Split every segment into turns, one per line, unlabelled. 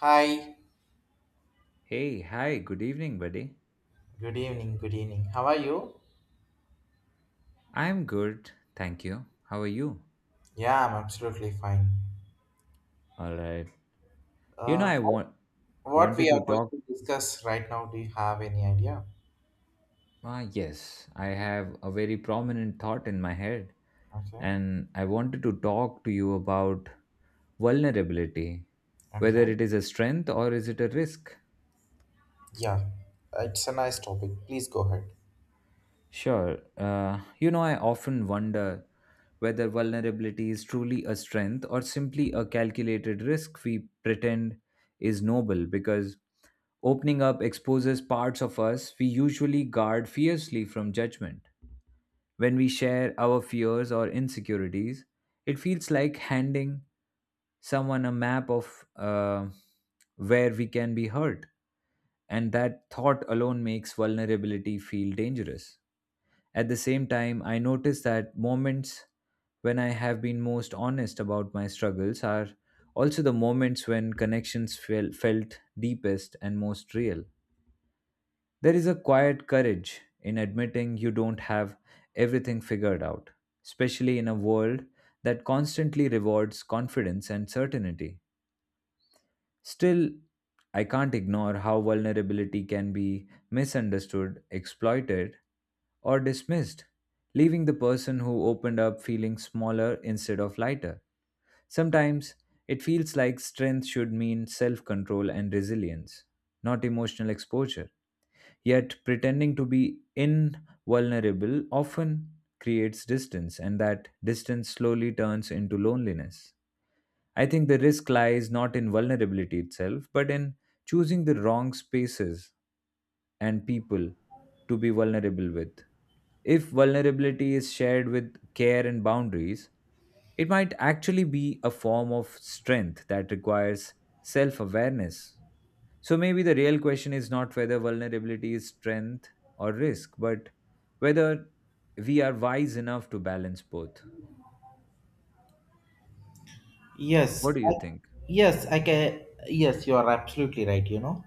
Hi,
Hey, hi, good evening, buddy.
good evening, good evening. How are you?
I'm good, thank you. How are you?
Yeah, I'm absolutely fine.
All right. You know,
Uh,
I
what
want
what we
wanted
are
to
going
talk.
to discuss right now, do you have any idea?
Ah, yes, I have a very prominent thought in my head,
Okay,
and I wanted to talk to you about vulnerability, whether
okay.
it is a strength or is it a risk.
Yeah, it's a nice topic. Please go ahead.
Sure. You know, I often wonder whether vulnerability is truly a strength or simply a calculated risk we pretend is noble because opening up exposes parts of us we usually guard fiercely from judgment. When we share our fears or insecurities, it feels like handing someone a map of where we can be hurt, and that thought alone makes vulnerability feel dangerous. At the same time, I notice that moments when I have been most honest about my struggles are also the moments when connections felt deepest and most real. There is a quiet courage in admitting you don't have everything figured out, especially in a world that constantly rewards confidence and certainty. Still, I can't ignore how vulnerability can be misunderstood, exploited, or dismissed, leaving the person who opened up feeling smaller instead of lighter. Sometimes it feels like strength should mean self control and resilience, not emotional exposure. Yet pretending to be invulnerable often creates distance, and that distance slowly turns into loneliness. I think the risk lies not in vulnerability itself, but in choosing the wrong spaces and people to be vulnerable with. If vulnerability is shared with care and boundaries, it might actually be a form of strength that requires self awareness. So maybe the real question is not whether vulnerability is strength or risk, but whether we are wise enough to balance both.
Yes,
What do you
I,
think?
yes, I can. Yes, you are absolutely right. You know,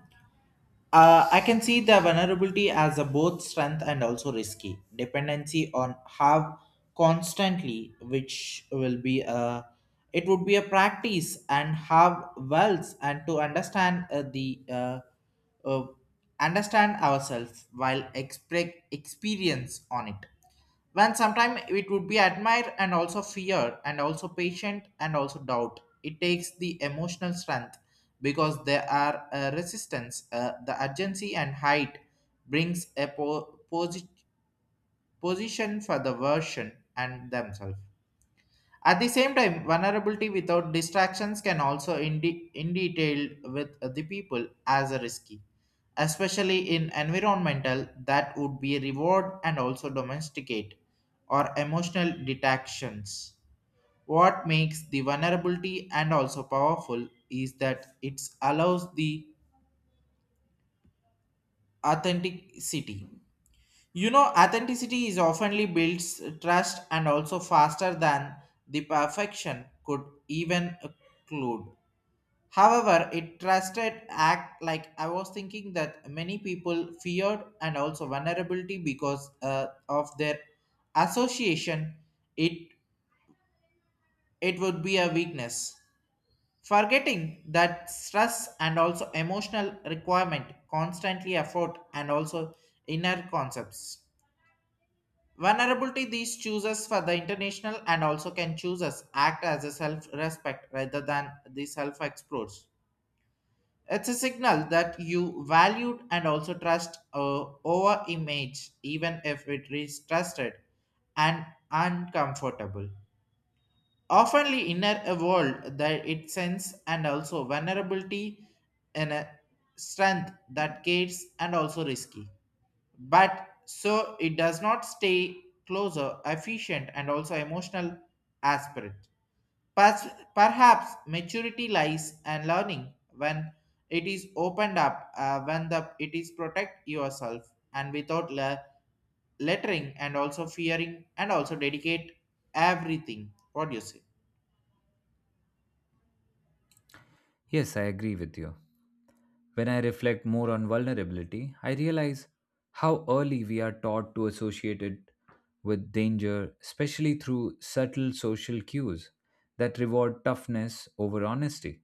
I can see the vulnerability as a both strength and also risky dependency on have constantly, which will be a it would be a practice and have wealth and to understand the uh, understand ourselves while experience on it when sometimes it would be admire and also fear and also patient and also doubt it takes the emotional strength because there are resistance the urgency and height brings a position for the version and themselves at the same time, vulnerability without distractions can also in detail with the people as a risky, especially in environmental that would be reward and also domesticate or emotional detections. What makes the vulnerability and also powerful is that it allows the authenticity. You know, authenticity is oftenly builds trust and also faster than the perfection could even include. However, it trusted act like I was thinking that many people feared and also vulnerability because of their association. It it would be a weakness, forgetting that stress and also emotional requirement constantly afford and also inner concepts. Vulnerability these chooses for the international and also can choose us act as a self respect rather than the self explores. It's a signal that you valued and also trust over image, even if it is trusted and uncomfortable. Oftenly, inner a world that it sends and also vulnerability and a strength that gates and also risky. But so it does not stay closer, efficient, and also emotional aspirate. Perhaps maturity lies and learning when it is opened up, when the it is protect yourself and without lettering and also fearing and also dedicate everything. What do you say?
Yes, I agree with you. When I reflect more on vulnerability, I realize how early we are taught to associate it with danger, especially through subtle social cues that reward toughness over honesty.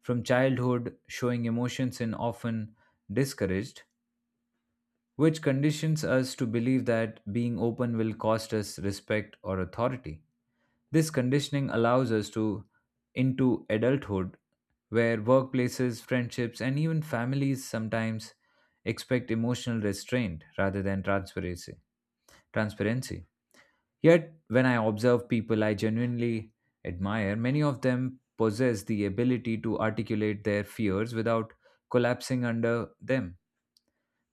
From childhood, showing emotions is often discouraged, which conditions us to believe that being open will cost us respect or authority. This conditioning allows us to into adulthood where workplaces, friendships, and even families sometimes expect emotional restraint rather than transparency. Yet, when I observe people I genuinely admire, many of them possess the ability to articulate their fears without collapsing under them.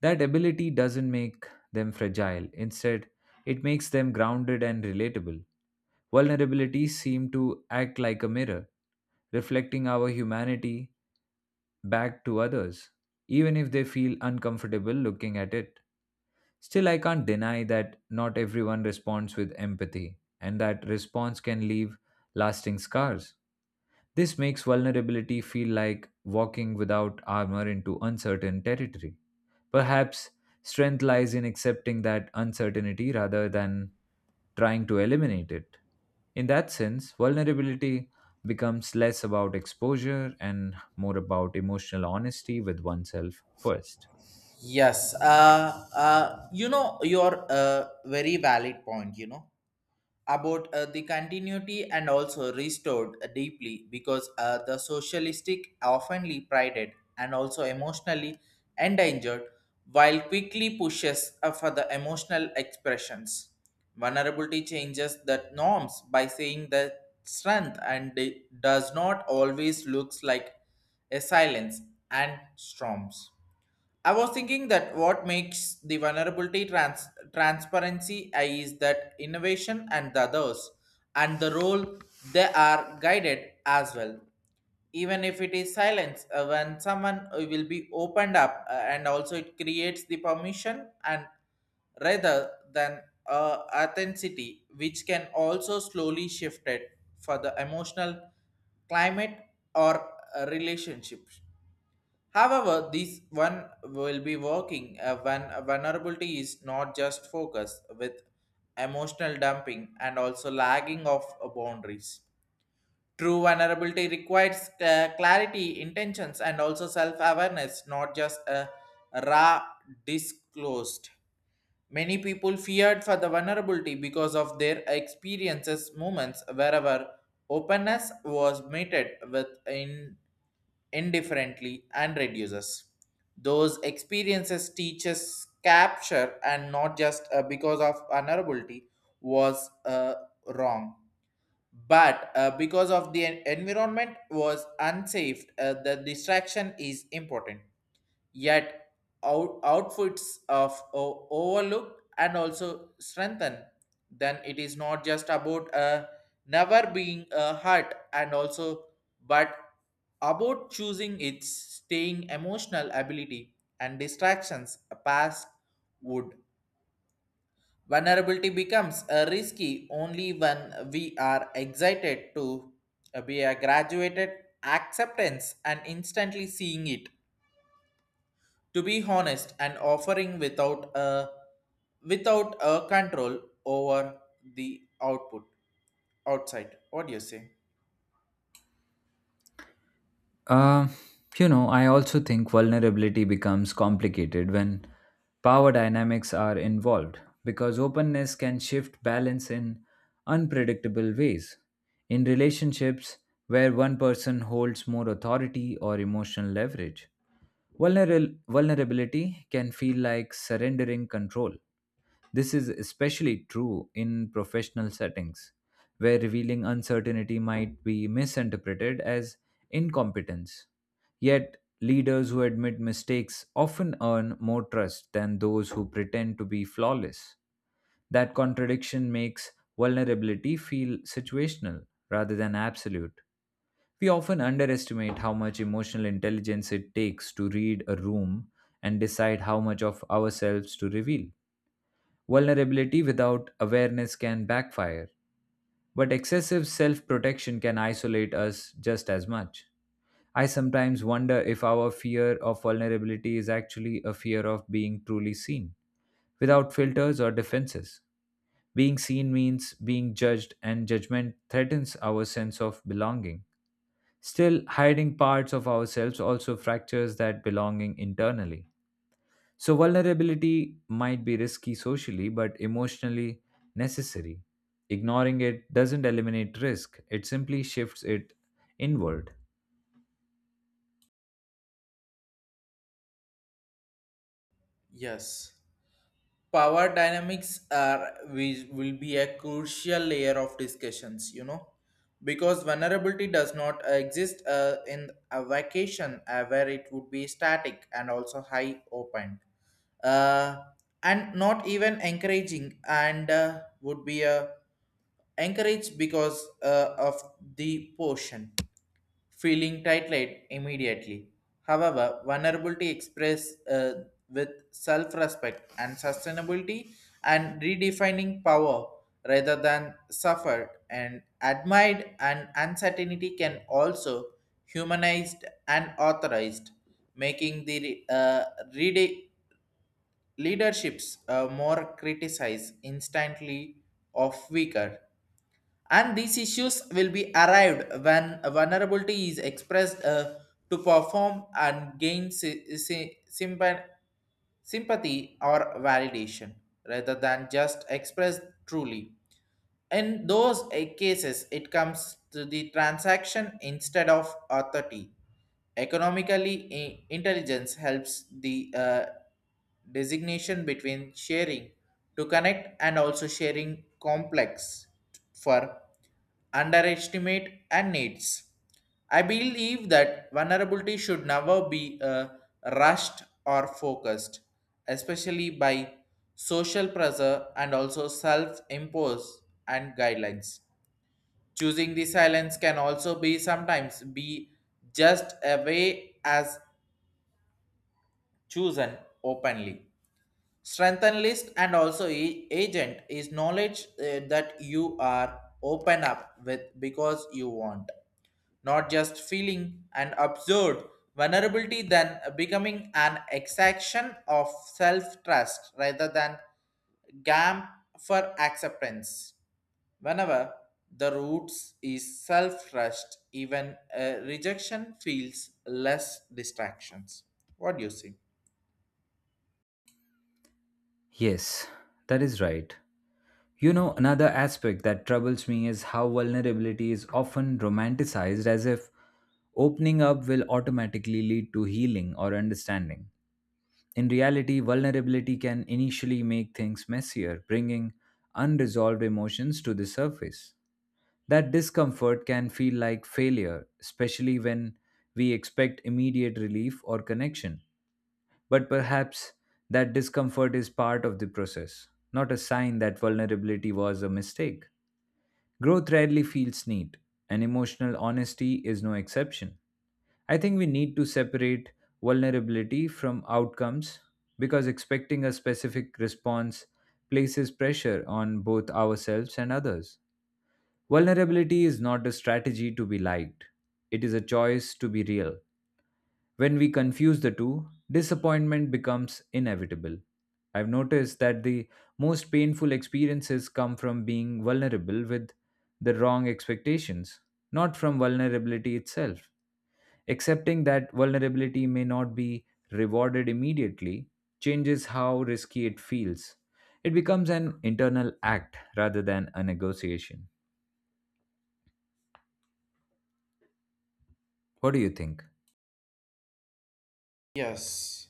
That ability doesn't make them fragile. Instead, it makes them grounded and relatable. Vulnerabilities seem to act like a mirror, reflecting our humanity back to others, even if they feel uncomfortable looking at it. Still, I can't deny that not everyone responds with empathy, and that response can leave lasting scars. This makes vulnerability feel like walking without armor into uncertain territory. Perhaps strength lies in accepting that uncertainty rather than trying to eliminate it. In that sense, vulnerability becomes less about exposure and more about emotional honesty with oneself first.
Yes, you know your very valid point. You know, about the continuity and also restored deeply because the socialistic oftenly prided and also emotionally endangered while quickly pushes for the emotional expressions. Vulnerability changes the norms by saying that strength and it does not always looks like a silence and storms. I was thinking that what makes the vulnerability transparency is that innovation and the others and the role they are guided as well. Even if it is silence, when someone will be opened up and also it creates the permission and rather than authenticity, which can also slowly shift it for the emotional climate or relationships. However, this one will be working when vulnerability is not just focus with emotional dumping and also lagging of boundaries. True vulnerability requires clarity, intentions, and also self awareness, not just a raw disclosed. Many people feared for the vulnerability because of their experiences, moments, wherever openness was meted with in indifferently and reduces those experiences teaches capture and not just because of vulnerability was wrong but because of the environment was unsafe the distraction is important yet out, outfits of overlooked and also strengthened then it is not just about never being hurt and also but about choosing its staying emotional ability and distractions past would vulnerability becomes risky only when we are excited to be a graduated acceptance and instantly seeing it to be honest and offering without a without a control over the output outside what do you say
Uh, you know, I also think vulnerability becomes complicated when power dynamics are involved because openness can shift balance in unpredictable ways. In relationships where one person holds more authority or emotional leverage, vulnerability can feel like surrendering control. This is especially true in professional settings, where revealing uncertainty might be misinterpreted as incompetence. Yet, leaders who admit mistakes often earn more trust than those who pretend to be flawless. That contradiction makes vulnerability feel situational rather than absolute. We often underestimate how much emotional intelligence it takes to read a room and decide how much of ourselves to reveal. Vulnerability without awareness can backfire, but excessive self protection can isolate us just as much. I sometimes wonder if our fear of vulnerability is actually a fear of being truly seen, without filters or defenses. Being seen means being judged, and judgment threatens our sense of belonging. Still, hiding parts of ourselves also fractures that belonging internally. So, vulnerability might be risky socially, but emotionally necessary. Ignoring it doesn't eliminate risk, it simply shifts it inward.
yes power dynamics are which will be a crucial layer of discussions you know because vulnerability does not exist in a vacation where it would be static and also high open uh, and not even encouraging and would be a encouraged because of the portion, feeling tight immediately. However, vulnerability expressed with self-respect and sustainability and redefining power rather than suffered and admired and uncertainty can also humanized and authorized, making the rede- leaderships more criticized instantly of weaker and these issues will be arrived when a vulnerability is expressed to perform and gain sympathy or validation rather than just expressed truly in those cases it comes to the transaction instead of authority economically intelligence helps the designation between sharing to connect and also sharing complex for underestimate and needs. I believe that vulnerability should never be rushed or focused, especially by social pressure and also self-impose and guidelines. Choosing the silence can also be sometimes be just a way as chosen openly strengthen list and also agent is knowledge that you are open up with because you want not just feeling and absurd vulnerability then becoming an exaction of self-trust rather than gam for acceptance whenever the roots is self-trust even rejection feels less distractions what do you see?
Yes, that is right. You know, another aspect that troubles me is how vulnerability is often romanticized as if opening up will automatically lead to healing or understanding. In reality, vulnerability can initially make things messier, bringing unresolved emotions to the surface. That discomfort can feel like failure, especially when we expect immediate relief or connection. But perhaps that discomfort is part of the process, not a sign that vulnerability was a mistake. Growth rarely feels neat, and emotional honesty is no exception. I think we need to separate vulnerability from outcomes because expecting a specific response places pressure on both ourselves and others. Vulnerability is not a strategy to be liked, it is a choice to be real. When we confuse the two, disappointment becomes inevitable. I've noticed that the most painful experiences come from being vulnerable with the wrong expectations, not from vulnerability itself. Accepting that vulnerability may not be rewarded immediately changes how risky it feels. It becomes an internal act rather than a negotiation. What do you think?
Yes.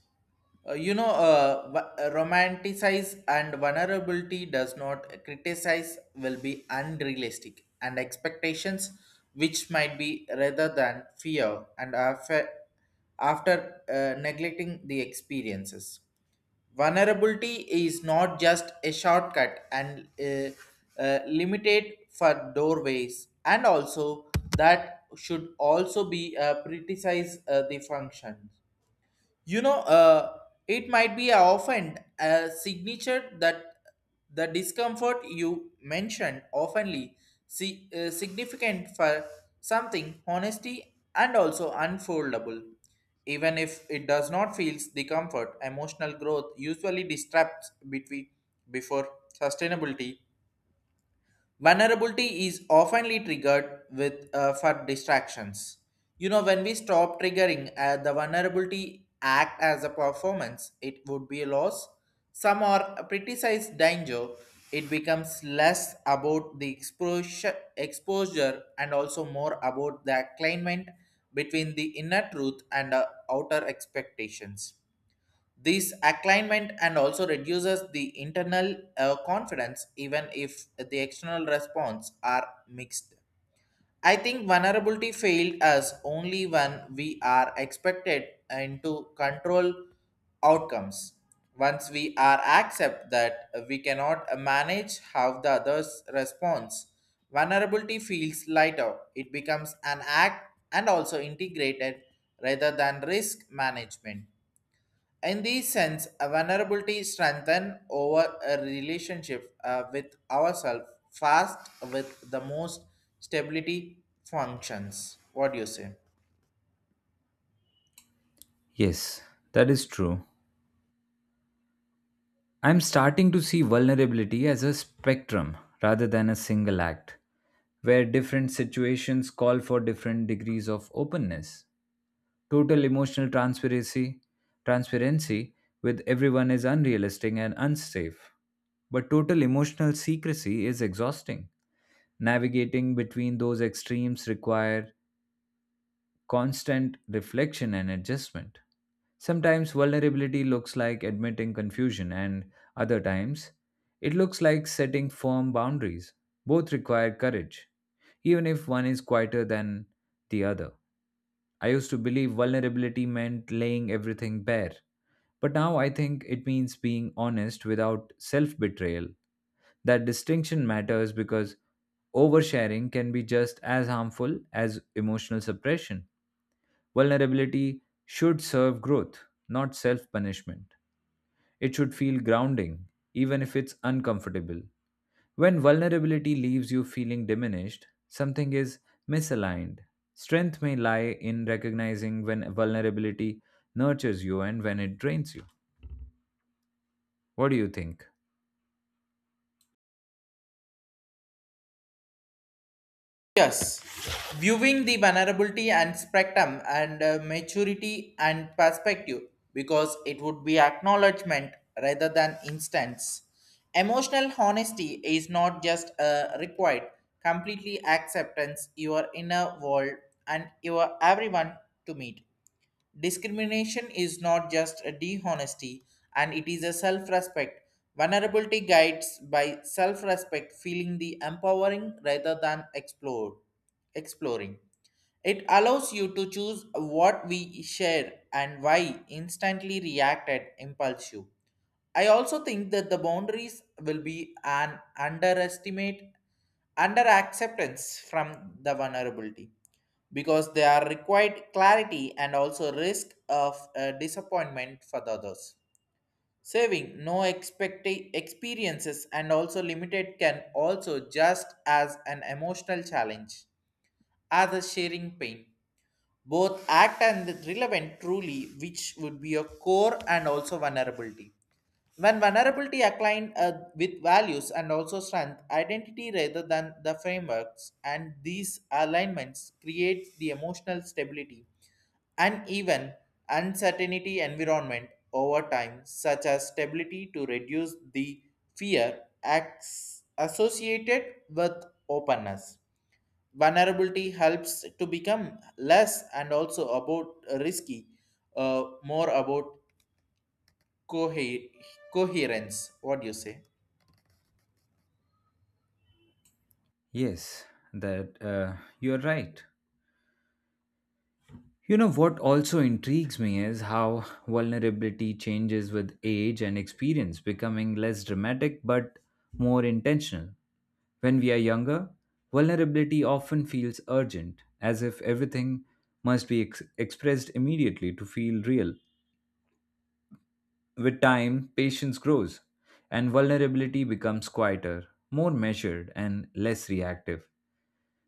Romanticize and vulnerability does not criticize will be unrealistic and expectations which might be rather than fear and after, after neglecting the experiences. Vulnerability is not just a shortcut and limited for doorways, and also that should also be criticize the functions you know, it might be often a signature that the discomfort you mentioned oftenly see, significant for something honesty and also unfoldable even if it does not feels the comfort emotional growth usually disrupts between before sustainability. Vulnerability is oftenly triggered with for distractions. You know, when we stop triggering the vulnerability act as a performance, it would be a loss. Some are a criticized danger. It becomes less about the exposure and also more about the alignment between the inner truth and outer expectations this alignment and also reduces the internal confidence, even if the external response are mixed. I think vulnerability failed us only when we are expected into control outcomes. Once we are accept that we cannot manage how the others responds, vulnerability feels lighter. It becomes an act and also integrated rather than risk management. In this sense, a vulnerability strengthens over a relationship with ourselves fast with the most stability functions. What do you say?
Yes, that is true. I'm starting to see vulnerability as a spectrum rather than a single act, where different situations call for different degrees of openness. Total emotional transparency with everyone is unrealistic and unsafe, but total emotional secrecy is exhausting. Navigating between those extremes require constant reflection and adjustment. Sometimes vulnerability looks like admitting confusion, and other times it looks like setting firm boundaries. Both require courage, even if one is quieter than the other. I used to believe vulnerability meant laying everything bare, but now I think it means being honest without self betrayal. That distinction matters because oversharing can be just as harmful as emotional suppression. Vulnerability should serve growth, not self punishment. It should feel grounding, even if it's uncomfortable. When vulnerability leaves you feeling diminished, something is misaligned. Strength may lie in recognizing when vulnerability nurtures you and when it drains you. What do you think?
Yes, viewing the vulnerability and spectrum and maturity and perspective because it would be acknowledgement rather than instance. Emotional honesty is not just required, completely acceptance your inner world and your everyone to meet. Discrimination is not just a dishonesty, and it is a self respect. Vulnerability guides by self respect, feeling the empowering rather than exploring. It allows you to choose what we share and why instantly react at impulsive. I also think that the boundaries will be an underestimate, under acceptance from the vulnerability because they are required clarity and also risk of disappointment for the others. Saving no expect experiences and also limited can also just as an emotional challenge as a sharing pain. Both act and relevant truly, which would be a core and also vulnerability. When vulnerability aligned with values and also strength, identity rather than the frameworks, and these alignments create the emotional stability and even uncertainty environment over time, such as stability to reduce the fear acts associated with openness. Vulnerability helps to become less and also about risky, more about cohe- coherence. What do you say?
Yes, that you're right. You know what also intrigues me is how vulnerability changes with age and experience, becoming less dramatic but more intentional. When we are younger, vulnerability often feels urgent, as if everything must be expressed immediately to feel real. With time, patience grows, and vulnerability becomes quieter, more measured, and less reactive.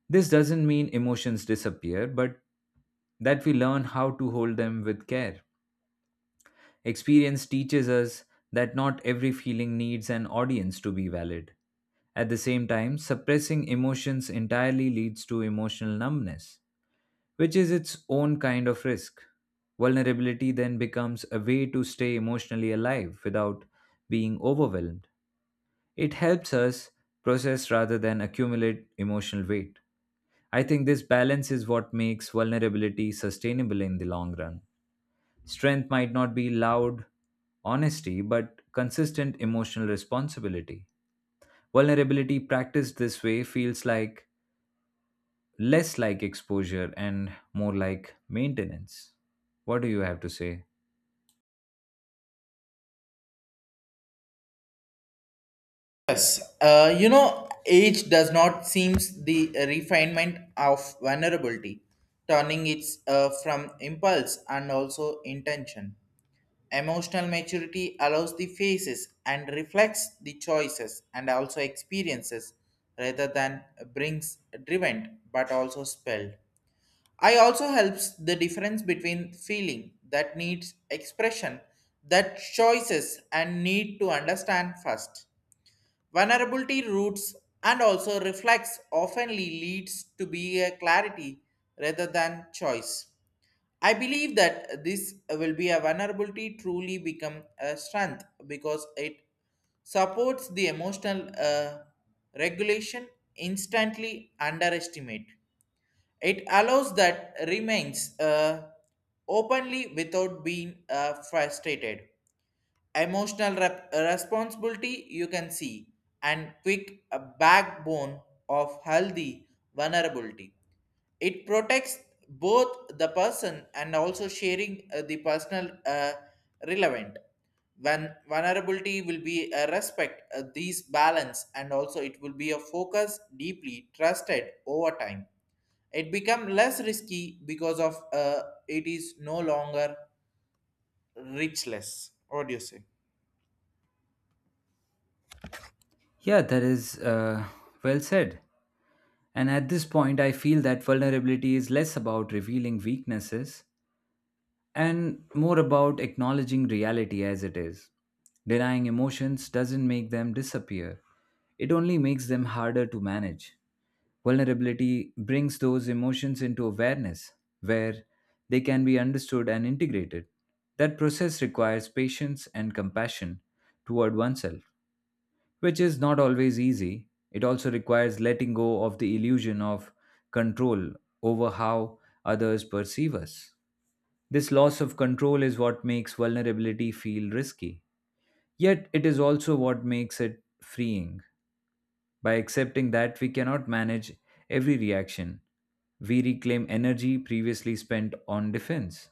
This doesn't mean emotions disappear, but that we learn how to hold them with care. Experience teaches us that not every feeling needs an audience to be valid. At the same time, suppressing emotions entirely leads to emotional numbness, which is its own kind of risk. Vulnerability then becomes a way to stay emotionally alive without being overwhelmed. It helps us process rather than accumulate emotional weight. I think this balance is what makes vulnerability sustainable in the long run. Strength might not be loud honesty, but consistent emotional responsibility. Vulnerability practiced this way feels like less like exposure and more like maintenance. What do you have to say?
Yes, you know, age does not seems the refinement of vulnerability, turning it from impulse and also intention. Emotional maturity allows the faces and reflects the choices and also experiences rather than brings driven but also spelled. I also helps the difference between feeling that needs expression, that choices and need to understand first. Vulnerability roots and also reflects oftenly leads to be a clarity rather than choice. I believe that this will be a vulnerability truly become a strength because it supports the emotional regulation instantly underestimate. It allows that remains openly without being frustrated. Emotional responsibility you can see and quick backbone of healthy vulnerability. It protects both the person and also sharing the personal relevant. When vulnerability will be a respect, these balance and also it will be a focus deeply trusted over time it become less risky because of it is no longer richless. What do you say?
Yeah, that is well said. And at this point, I feel that vulnerability is less about revealing weaknesses and more about acknowledging reality as it is. Denying emotions doesn't make them disappear, it only makes them harder to manage. Vulnerability brings those emotions into awareness, where they can be understood and integrated. That process requires patience and compassion toward oneself, which is not always easy. It also requires letting go of the illusion of control over how others perceive us. This loss of control is what makes vulnerability feel risky. Yet, it is also what makes it freeing. By accepting that we cannot manage every reaction, we reclaim energy previously spent on defense.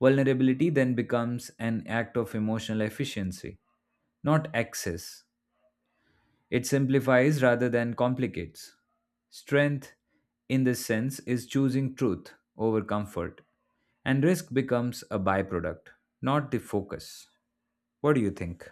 Vulnerability then becomes an act of emotional efficiency, not excess. It simplifies rather than complicates. Strength, in this sense, is choosing truth over comfort, and risk becomes a byproduct, not the focus. What do you think?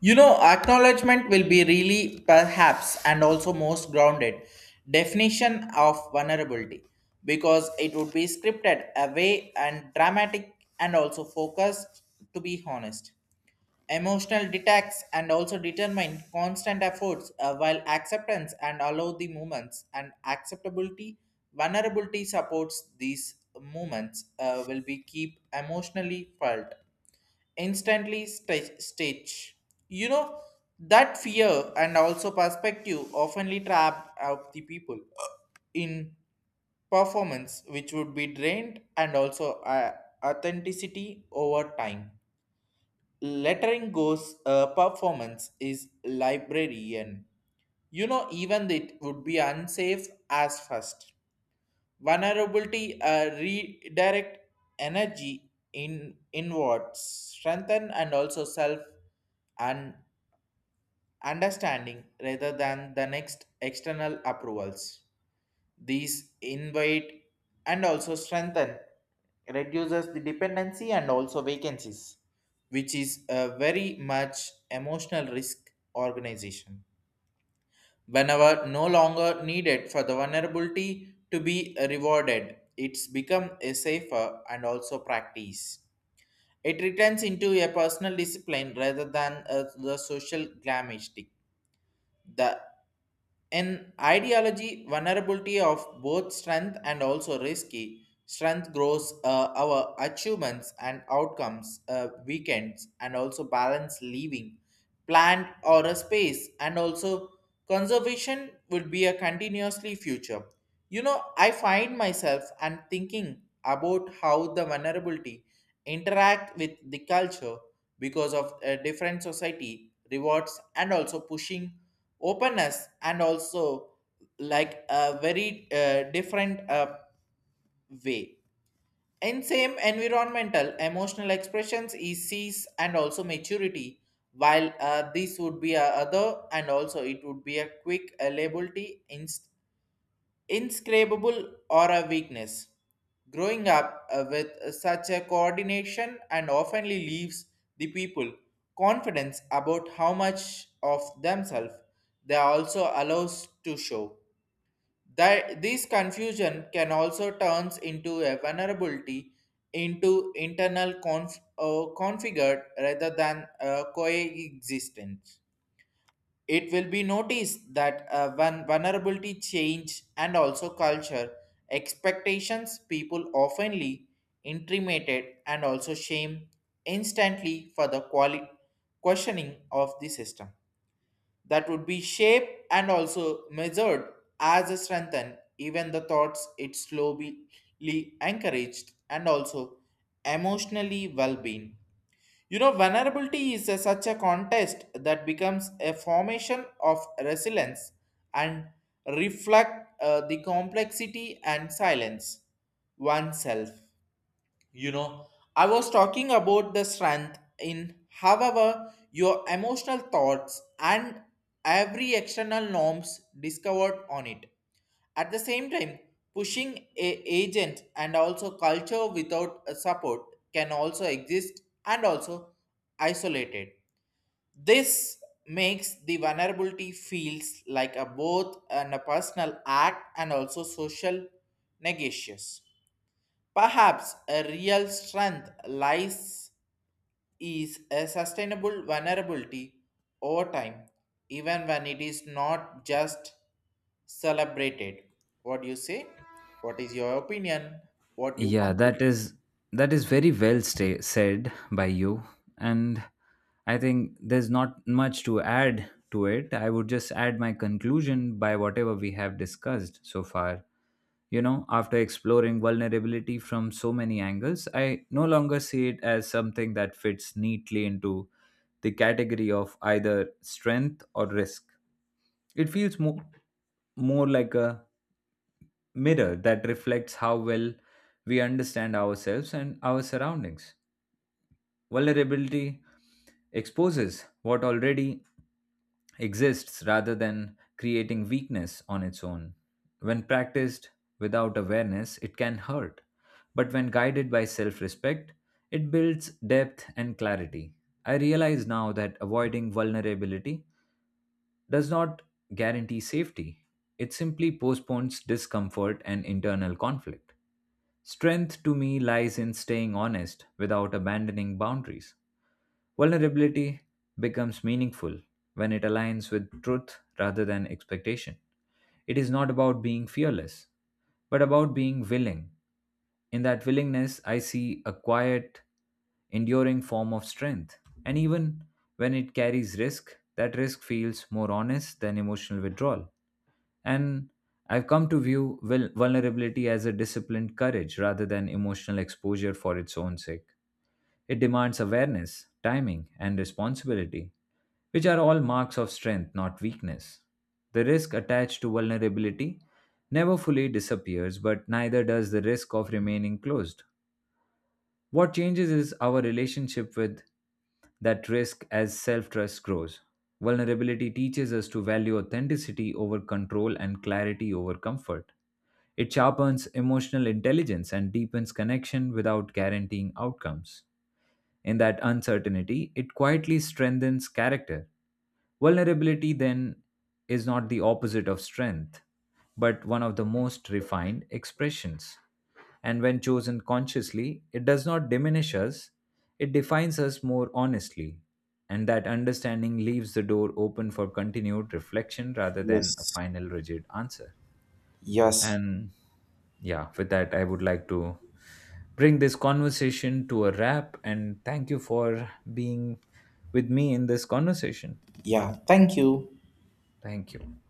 You know, acknowledgement will be really perhaps and also most grounded definition of vulnerability because it would be scripted away and dramatic and also focused to be honest. Emotional detached and also determine constant efforts while acceptance and allow the movements and acceptability vulnerability supports these movements will be keep emotionally felt instantly stitch you know that fear and also perspective oftenly trap out the people in performance which would be drained and also authenticity over time lettering goes performance is librarian you know even it would be unsafe as first vulnerability redirect energy in inwards strengthen and also self and understanding rather than the next external approvals these invite and also strengthen, reduces the dependency and also vacancies, which is a very much emotional risk organization. Whenever no longer needed for the vulnerability to be rewarded, it's become a safer and also practice. It returns into a personal discipline rather than the social glamour. The in ideology, vulnerability of both strength and also risky. Strength grows our achievements and outcomes, weekends, and also balance leaving, plant or a space, and also conservation would be a continuously future. You know, I find myself and thinking about how the vulnerability interact with the culture because of a different society rewards and also pushing openness and also like a very different way in same environmental emotional expressions is cease and also maturity while this would be a other and also it would be a quick liability inscrutable or a weakness. Growing up with such a coordination and oftenly leaves the people confidence about how much of themselves they also allows to show. That this confusion can also turns into a vulnerability into internal configured rather than coexistent. It will be noticed that when vulnerability change and also culture expectations, people oftenly intimated and also shame instantly for the questioning of the system. That would be shaped and also measured as a strengthen, even the thoughts it slowly encouraged and also emotionally well-being you know, vulnerability is such a contest that becomes a formation of resilience and reflect the complexity and silence oneself. You know, I was talking about the strength in however your emotional thoughts and every external norms discovered on it. At the same time, pushing a agent and also culture without a support can also exist and also isolated. This makes the vulnerability feels like a both and a personal act and also social negotiation. Perhaps a real strength lies is a sustainable vulnerability over time, even when it is not just celebrated. What do you say? What is your opinion? What you
Yeah, that
conclude?
is very well sta said by you, and I think there's not much to add to it. I would just add my conclusion by whatever we have discussed so far. You know, after exploring vulnerability from so many angles, I no longer see it as something that fits neatly into the category of either strength or risk. It feels more like a mirror that reflects how well we understand ourselves and our surroundings. Vulnerability exposes what already exists rather than creating weakness on its own. When practiced without awareness, it can hurt, but when guided by self respect, it builds depth and clarity. I realize now that avoiding vulnerability does not guarantee safety, it simply postpones discomfort and internal conflict. Strength to me lies in staying honest without abandoning boundaries. Vulnerability becomes meaningful when it aligns with truth rather than expectation. It is not about being fearless, but about being willing. In that willingness, I see a quiet, enduring form of strength. And even when it carries risk, that risk feels more honest than emotional withdrawal. And I've come to view vulnerability as a disciplined courage rather than emotional exposure for its own sake. It demands awareness, timing, and responsibility, which are all marks of strength, not weakness. The risk attached to vulnerability never fully disappears, but neither does the risk of remaining closed. What changes is our relationship with that risk as self trust grows. Vulnerability teaches us to value authenticity over control and clarity over comfort. It sharpens emotional intelligence and deepens connection without guaranteeing outcomes. In that uncertainty, it quietly strengthens character. Vulnerability, then, is not the opposite of strength, but one of the most refined expressions. And when chosen consciously, it does not diminish us, it defines us more honestly. And that understanding leaves the door open for continued reflection rather than a
Yes.
final rigid answer.
Yes.
And yeah, with that, I would like to bring this conversation to a wrap and thank you for being with me in this conversation.
Yeah. Thank you.
Thank you.